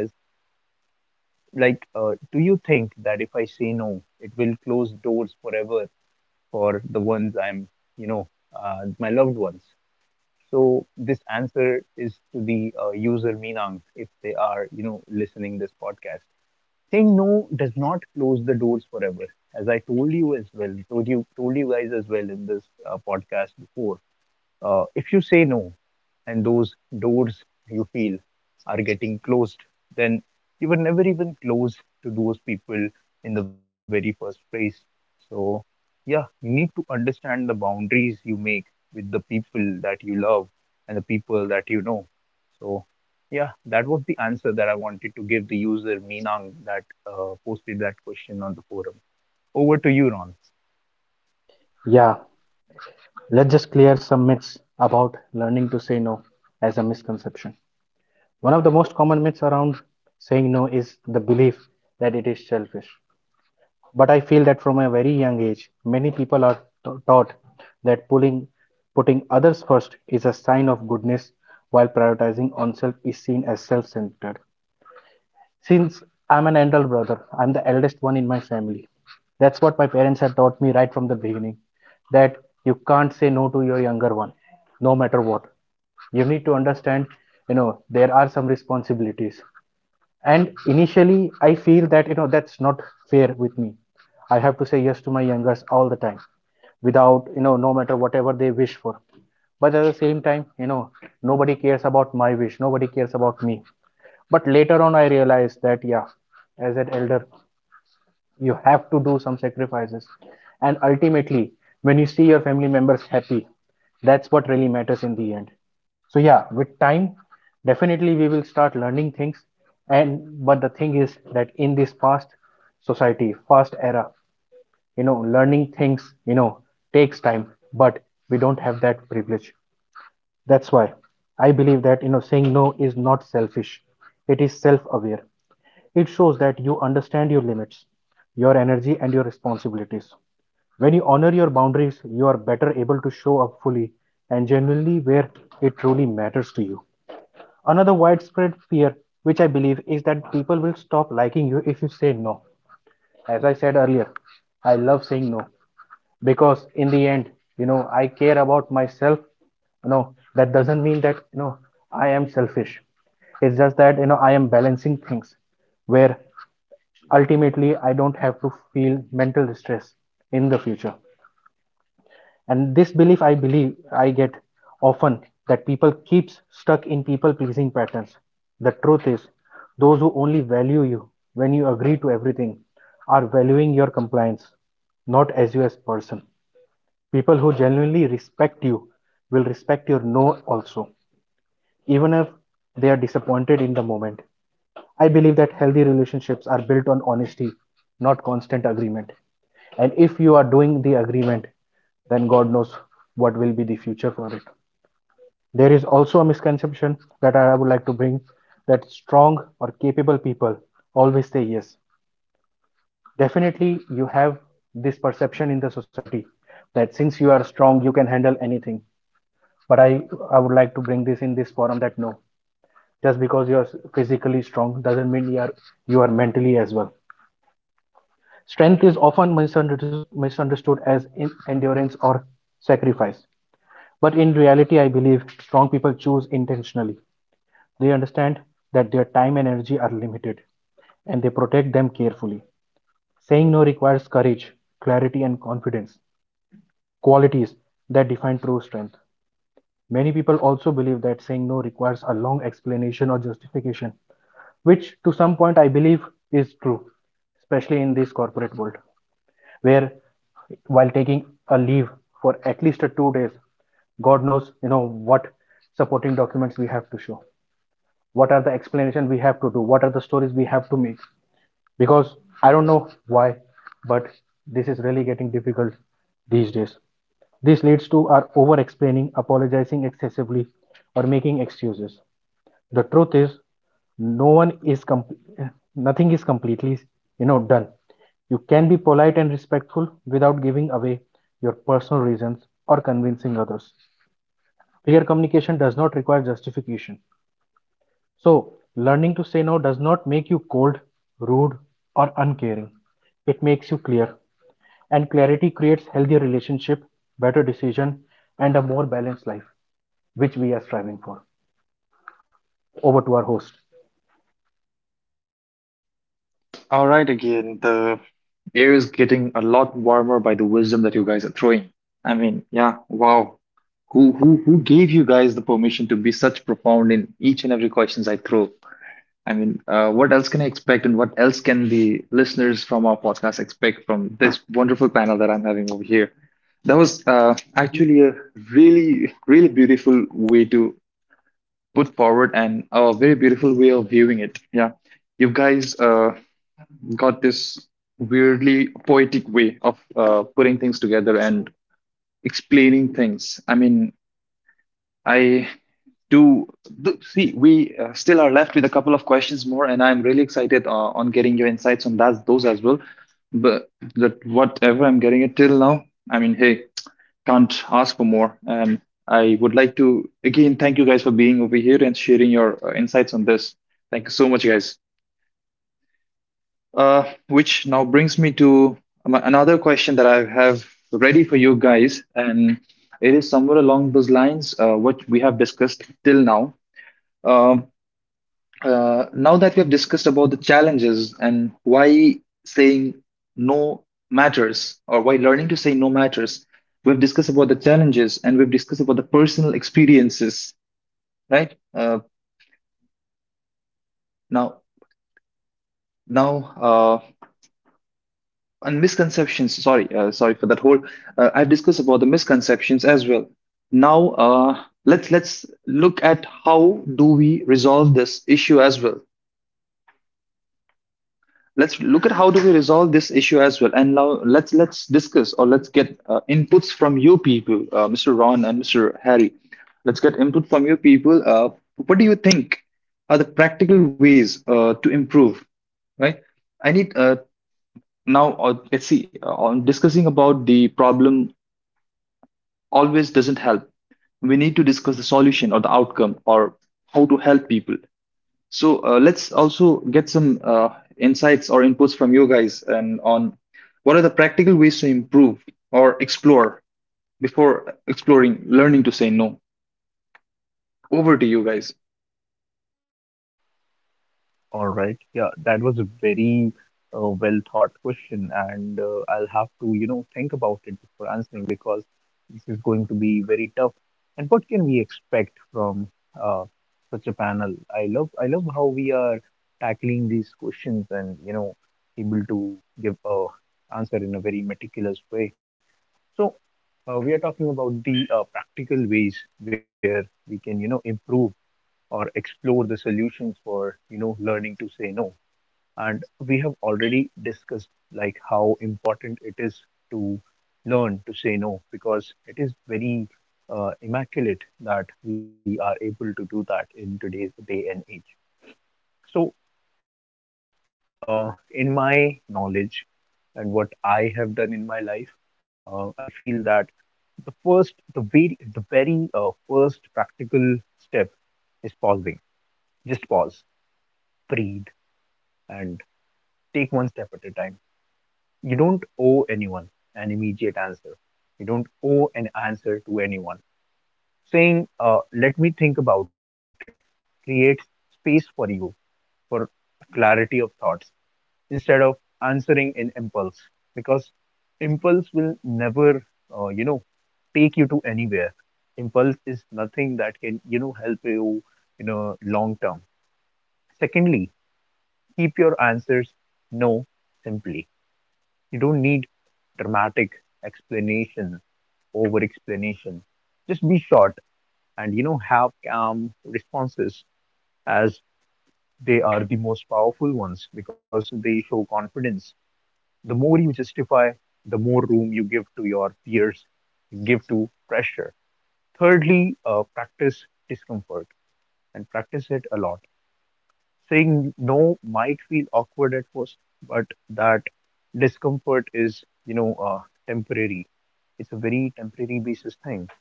[SPEAKER 3] like, do you think that if I say no, it will close doors forever for the ones I'm, you know, my loved ones? So this answer is to the user Meenang if they are, you know, listening this podcast. Saying no does not close the doors forever, as I told you as well, told you guys as well in this podcast before. Uh, if you say no, and those doors you feel are getting closed, then you were never even close to those people in the very first place. So, yeah, you need to understand the boundaries you make with the people that you love and the people that you know. So, yeah, that was the answer that I wanted to give the user Meenang that posted that question on the forum. Over to you, Ron.
[SPEAKER 2] Yeah, let's just clear some myths about learning to say no as a misconception. One of the most common myths around saying no is the belief that it is selfish. But I feel that from a very young age, many people are taught that pulling, putting others first is a sign of goodness, while prioritizing oneself is seen as self centered. Since I'm an elder brother, I'm the eldest one in my family. That's what my parents had taught me right from the beginning, that you can't say no to your younger one, no matter what. You need to understand, there are some responsibilities, and initially I feel that that's not fair with me. I have to say yes to my youngers all the time without, no matter whatever they wish for. But at the same time, nobody cares about my wish, nobody cares about me. But later on I realized that, yeah, as an elder you have to do some sacrifices, and ultimately, when you see your family members happy, that's what really matters in the end. So yeah, with time, definitely we will start learning things. And but the thing is that in this fast society, fast era, learning things, takes time, but we don't have that privilege. That's why I believe that, saying no is not selfish, it is self aware. It shows that you understand your limits, your energy, and your responsibilities. When you honor your boundaries, you are better able to show up fully and genuinely where it truly matters to you. Another widespread fear, which I believe, is that people will stop liking you if you say no. As I said earlier, I love saying no because in the end, I care about myself. No, that doesn't mean that, I am selfish. It's just that, I am balancing things where ultimately I don't have to feel mental stress in the future. And this belief, I believe I get often, that people keeps stuck in people pleasing patterns. The truth is, those who only value you when you agree to everything are valuing your compliance, not as you as person. People who genuinely respect you will respect your no also, even if they are disappointed in the moment. I believe that healthy relationships are built on honesty, not constant agreement. And if you are doing the agreement, then God knows what will be the future for it. There is also a misconception that I would like to bring, that strong or capable people always say yes. Definitely, you have this perception in the society that since you are strong, you can handle anything. But I would like to bring this in this forum that no, just because you are physically strong doesn't mean you are mentally as well. Strength is often misunderstood as endurance or sacrifice. But in reality, I believe strong people choose intentionally. They understand that their time and energy are limited, and they protect them carefully. Saying no requires courage, clarity, and confidence, qualities that define true strength. Many people also believe that saying no requires a long explanation or justification, which to some point I believe is true, especially in this corporate world, where while taking a leave for at least 2 days, God knows, what supporting documents we have to show, what are the explanation we have to do, what are the stories we have to make, because I don't know why, but this is really getting difficult these days. This leads to our over explaining, apologizing excessively, or making excuses. The truth is, no one is com- nothing is completely, done. You can be polite and respectful without giving away your personal reasons or convincing others. Clear communication does not require justification. So, learning to say no does not make you cold, rude, or uncaring. It makes you clear, and clarity creates healthier relationship, better decision, and a more balanced life, which we are striving for. Over to our host.
[SPEAKER 1] All right, again, the air is getting a lot warmer by the wisdom that you guys are throwing. I mean, yeah, wow. Who gave you guys the permission to be such profound in each and every questions I throw? I mean, what else can I expect, and what else can the listeners from our podcast expect from this wonderful panel that I'm having over here? That was actually a really, really beautiful way to put forward, and a very beautiful way of viewing it. Yeah, you guys got this weirdly poetic way of putting things together and explaining things. I mean, I do, do see we still are left with a couple of questions more, and I'm really excited on getting your insights on that, those as well. But that, whatever I'm getting it till now, I mean, hey, can't ask for more. And I would like to again thank you guys for being over here and sharing your insights on this. Thank you so much, guys. Which now brings me to another question that I have ready for you guys, and it is somewhere along those lines what we have discussed till now. Um Now that we have discussed about the challenges and why saying no matters, or why learning to say no matters, we've discussed about the challenges, and we've discussed about the personal experiences, right? Now now And misconceptions, sorry, sorry for that whole I've discussed about the misconceptions as well. Now, uh, let's look at how do we resolve this issue as well. Let's look at how do we resolve this issue as well, and now let's discuss, or let's get inputs from you people, Mr. Ron and Mr. Harry. Let's get input from you people, what do you think are the practical ways to improve, right? I need now let's see, on discussing about the problem always doesn't help. We need to discuss the solution, or the outcome, or how to help people. So let's also get some insights or inputs from you guys, and on what are the practical ways to improve or explore before exploring learning to say no. Over to you guys.
[SPEAKER 3] All right. Yeah, that was a very well thought question, and I'll have to, you know, think about it before answering because this is going to be very tough. And what can we expect from uh, such a panel? I love how we are tackling these questions and, you know, able to give a answer in a very meticulous way. So, we are talking about the practical ways where we can, you know, improve or explore the solutions for, you know, learning to say no. And we have already discussed like how important it is to learn to say no, because it is very immaculate that we are able to do that in today's day and age. So in my knowledge and what I have done in my life, I feel that the very first practical step is pausing. Just pause, breathe, and take one step at a time. You don't owe anyone an immediate answer. You don't owe an answer to anyone. Saying, let me think about it, creates space for you, for clarity of thoughts instead of answering in impulse, because impulse will never, you know, take you to anywhere. Impulse is nothing that can, you know, help you in a long term. Secondly, keep your answers no simply. You don't need dramatic explanation, over explanation. Just be short and, you know, have calm responses, as they are the most powerful ones because they show confidence. The more you justify, the more room you give to your peers, you give to pressure. Thirdly, practice discomfort, and practice it a lot. Saying no might feel awkward at first, but that discomfort is, you know, temporary. It's a very temporary basis thing.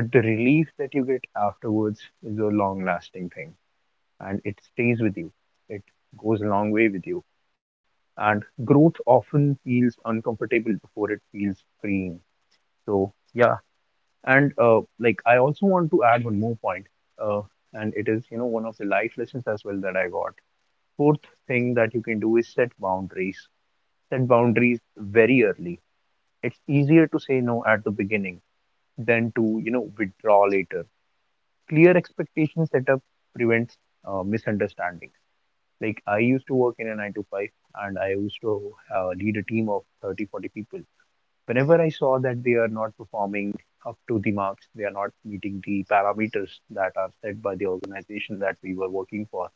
[SPEAKER 3] But the relief that you get afterwards is a long lasting thing and it stays with you. It goes a long way with you. And growth often feels uncomfortable before it feels freeing. So, yeah. And like, I also want to add one more point. Uh, and it is, you know, one of the life lessons as well that I got. Fourth thing that you can do is set boundaries. Set boundaries very early. It's easier to say no at the beginning than to, you know, withdraw later. Clear expectation setup prevents misunderstandings. Like I used to work in a 9 to 5 and I used to lead a team of 30, 40 people. Whenever I saw that they are not performing up to the marks, they are not meeting the parameters that are set by the organization that we were working for,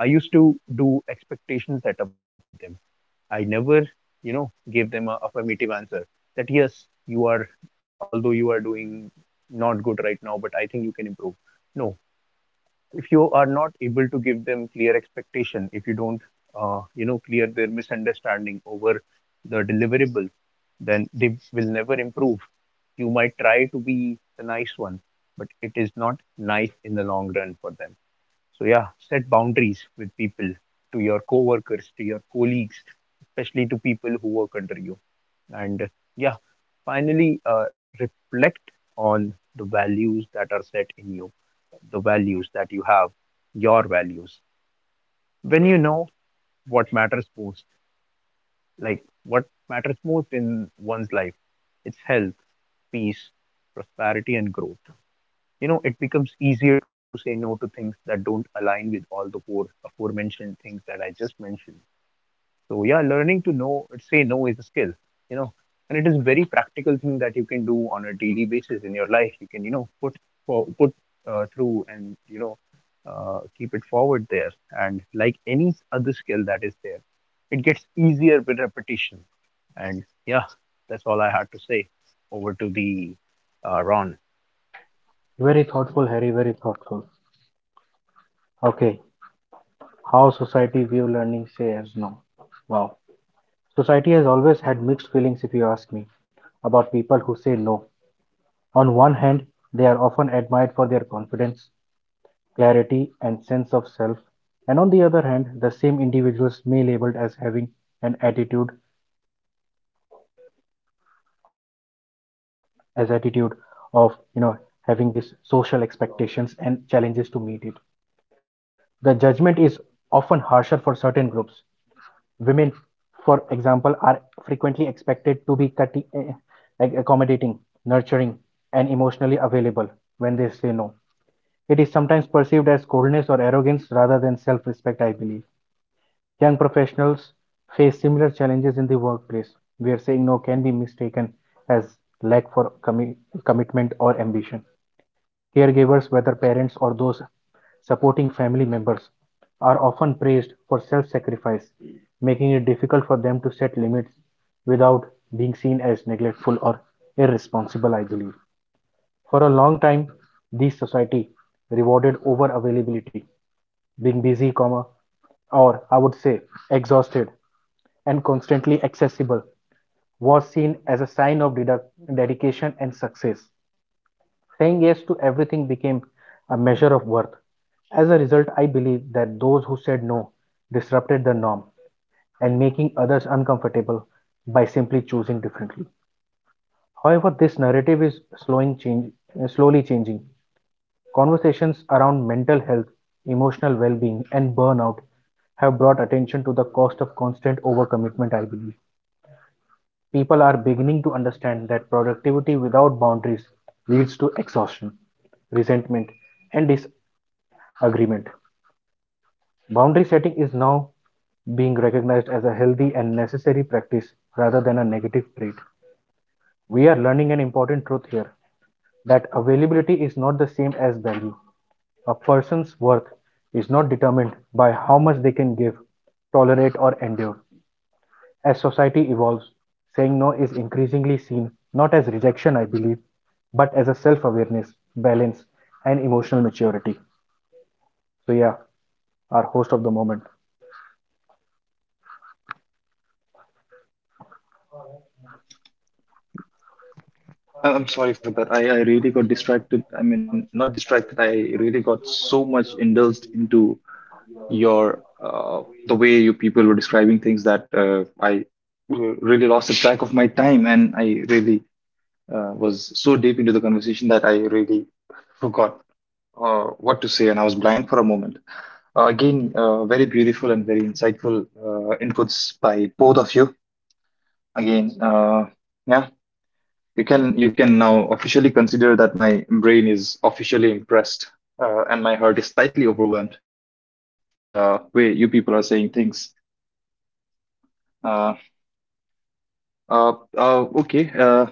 [SPEAKER 3] I used to do expectation setup with them. I never, you know, gave them a affirmative answer that yes, you are, although you are doing not good right now, but I think you can improve. No, if you are not able to give them clear expectation, if you don't, you know, clear their misunderstanding over the deliverable, then they will never improve. You might try to be the nice one, but it is not nice in the long run for them. So yeah, set boundaries with people, to your coworkers, to your colleagues, especially to people who work under you. And yeah, finally, reflect on the values that are set in you, the values that you have, your values. When you know what matters most, like what matters most in one's life, it's health, peace, prosperity, and growth. You know, it becomes easier to say no to things that don't align with all the four aforementioned things that I just mentioned. So yeah, learning to know say no is a skill, you know, and it is a very practical thing that you can do on a daily basis in your life. You can, you know, put for put through and, you know, keep it forward there, and like any other skill that is there, it gets easier with repetition. And yeah, that's all I had to say. Over to the Ron.
[SPEAKER 2] Very thoughtful, Harry. Very thoughtful. Okay, how society view learning say as no. Wow. Society has always had mixed feelings, if you ask me, about people who say no. On one hand, they are often admired for their confidence, clarity, and sense of self, and on the other hand, the same individuals may labeled as having an attitude of, having these social expectations and challenges to meet it. The judgment is often harsher for certain groups. Women, for example, are frequently expected to be cutty, eh, like accommodating, nurturing, and emotionally available when they say no. It is sometimes perceived as coldness or arrogance rather than self respect, I believe. Young professionals face similar challenges in the workplace, where saying no can be mistaken as lack for commi- commitment or ambition. Caregivers, whether parents or those supporting family members, are often praised for self sacrifice, making it difficult for them to set limits without being seen as neglectful or irresponsible, I believe. For a long time, these society rewarded over availability, being busy, comma, or I would say exhausted and constantly accessible, was seen as a sign of dedication and success. Saying yes to everything became a measure of worth. As a result, I believe that those who said no disrupted the norm and making others uncomfortable by simply choosing differently. However, this narrative is slowly changing. Conversations around mental health, emotional well being, and burnout have brought attention to the cost of constant overcommitment, I believe. People are beginning to understand that productivity without boundaries leads to exhaustion, resentment, and disagreement. Boundary setting is now being recognized as a healthy and necessary practice rather than a negative trait. We are learning an important truth here, that availability is not the same as value. A person's worth is not determined by how much they can give, tolerate, or endure. As society evolves, saying no is increasingly seen not as rejection, I believe, but as a self awareness, balance, and emotional maturity. So, yeah, our host of the moment.
[SPEAKER 1] I'm sorry for that. I really got distracted. I mean, not distracted. I really got so much indulged into your the way you people were describing things that I really lost the track of my time, and I really was so deep into the conversation that I really forgot what to say, and I was blank for a moment. Again, very beautiful and very insightful inputs by both of you. Again, yeah, you can now officially consider that my brain is officially impressed, and my heart is slightly overwhelmed by the way you people are saying things. Uh, okay.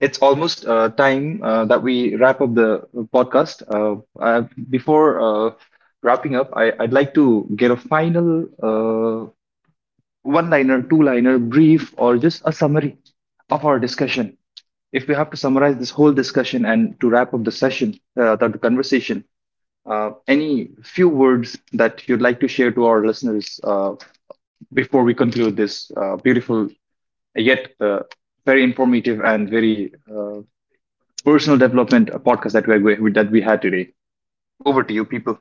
[SPEAKER 1] It's almost time that we wrap up the podcast. Before wrapping up, I'd like to get a final one-liner, two-liner, brief, or just a summary of our discussion. If we have to summarize this whole discussion and to wrap up the session, the conversation, any few words that you'd like to share to our listeners before we conclude this beautiful yet very informative and very personal development podcast that we had today. Over to you, people.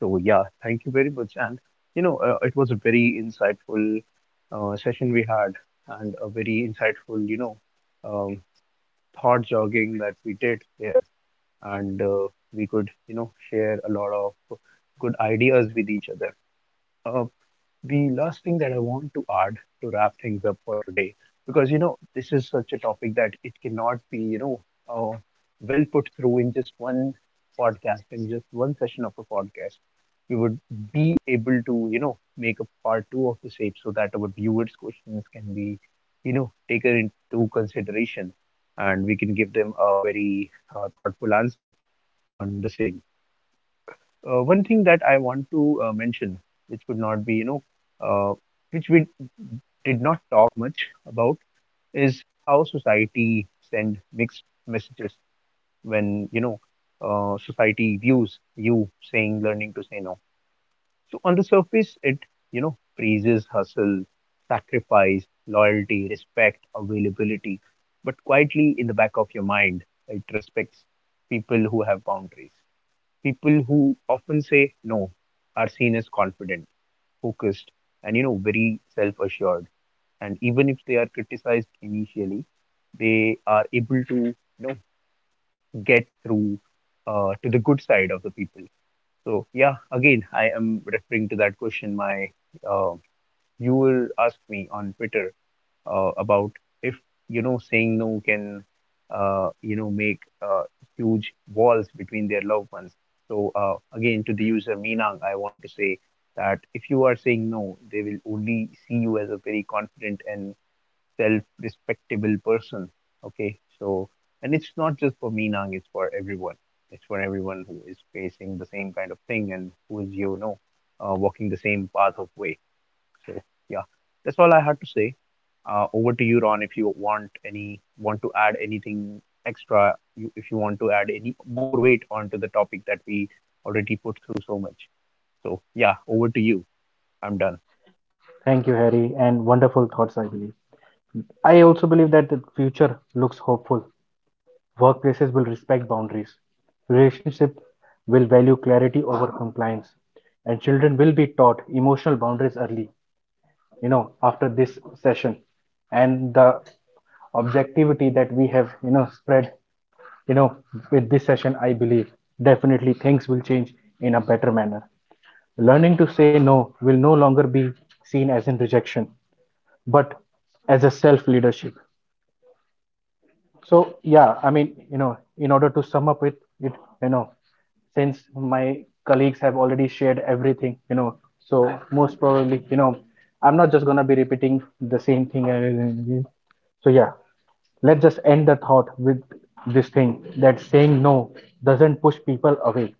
[SPEAKER 3] So yeah, thank you very much. And you know, it was a very insightful session we had, and a very insightful, you know, um, thought jogging that we did there, and we could, you know, share a lot of good ideas with each other. Uh, the last thing that I want to add to wrap things up for today, because you know this is such a topic that it cannot be, you know, uh, well put through in just one podcast, in just one session of a podcast. We would be able to, you know, make a part two of the same so that our viewers' questions can be, you know, taken into consideration and we can give them a very thoughtful answer on the same. Uh, one thing that I want to mention, which could not be, you know, uh, which we did not talk much about, is how society send mixed messages when, you know, society views you saying learning to say no. So on the surface, it, you know, praises hustle, sacrifice, loyalty, respect, availability, but quietly in the back of your mind, it respects people who have boundaries. People who often say no are seen as confident, focused, and, you know, very self assured. And even if they are criticized initially, they are able to, you know, get through to the good side of the people. So yeah, again, I am referring to that question my uh, viewer asked me on Twitter about if, you know, saying no can, you know, make huge walls between their loved ones. So again, to the user Meenang, I want to say that if you are saying no, they will only see you as a very confident and self-respectable person. Okay, so, and it's not just for Meenang; it's for everyone. It's for everyone who is facing the same kind of thing and who is, you know, walking the same path of way. So yeah, that's all I had to say. Over to you, Ron, if you want any want to add anything extra. If you want to add any more weight onto the topic that we already put through so much. So yeah, over to you. I'm done.
[SPEAKER 2] Thank you, Harry, and wonderful thoughts, I believe. I also believe that the future looks hopeful. Workplaces will respect boundaries. Relationships will value clarity over compliance. And children will be taught emotional boundaries early, after this session. And the objectivity that we have, spread, you know, with this session, I believe definitely things will change in a better manner. Learning to say no will no longer be seen as in rejection, but as a self leadership. So yeah, I mean, in order to sum up with it, you know, since my colleagues have already shared everything, so most probably, I'm not just gonna be repeating the same thing again and again. So yeah, let's just end the thought with this thing, that saying no doesn't push people away.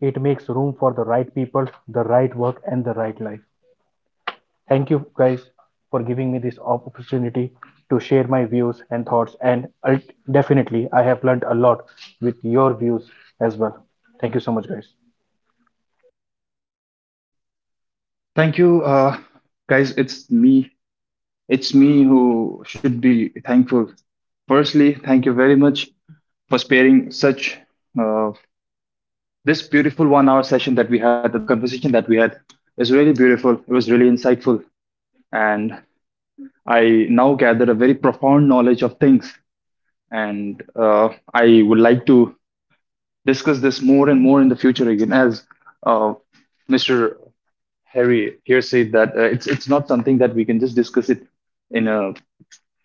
[SPEAKER 2] It makes room for the right people, the right work, and the right life. Thank you guys for giving me this opportunity to share my views and thoughts. And definitely, I have learned a lot with your views as well. Thank you so much, guys.
[SPEAKER 1] Thank you, guys. It's me. It's me who should be thankful. Firstly, thank you very much for sparing such uh, this beautiful one-hour session that we had. The conversation that we had is really beautiful. It was really insightful, and I now gather a very profound knowledge of things. And I would like to discuss this more and more in the future again. As uh, Mr. Harry here said that it's not something that we can just discuss it in a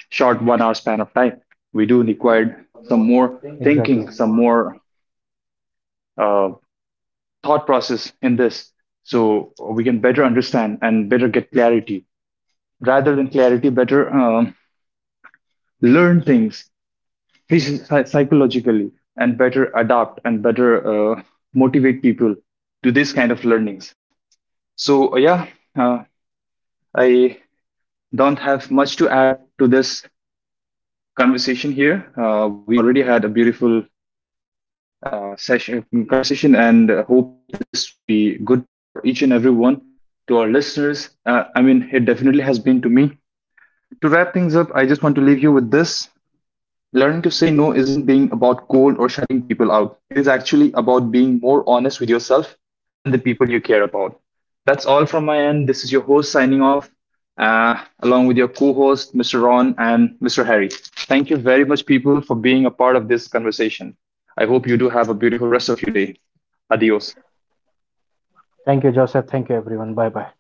[SPEAKER 1] short 1 hour span of time. We do require some more
[SPEAKER 2] Thank Exactly.
[SPEAKER 1] thinking, some more uh, thought process in this, so we can better understand and better get clarity. Rather than clarity, better learn things psychologically and better adapt and better uh, motivate people to this kind of learnings. So, uh, I don't have much to add to this conversation here. We already had a beautiful session conversation, and hope this will be good for each and everyone, to our listeners. I mean, it definitely has been to me. To wrap things up, I just want to leave you with this. Learning to say no isn't being about cold or shutting people out. It is actually about being more honest with yourself and the people you care about. That's all from my end. This is your host signing off, along with your co host, Mr. Ron and Mr. Harry. Thank you very much, people, for being a part of this conversation. I hope you do have a beautiful rest of your day. Adios.
[SPEAKER 2] Thank you, Joseph. Thank you, everyone. Bye bye.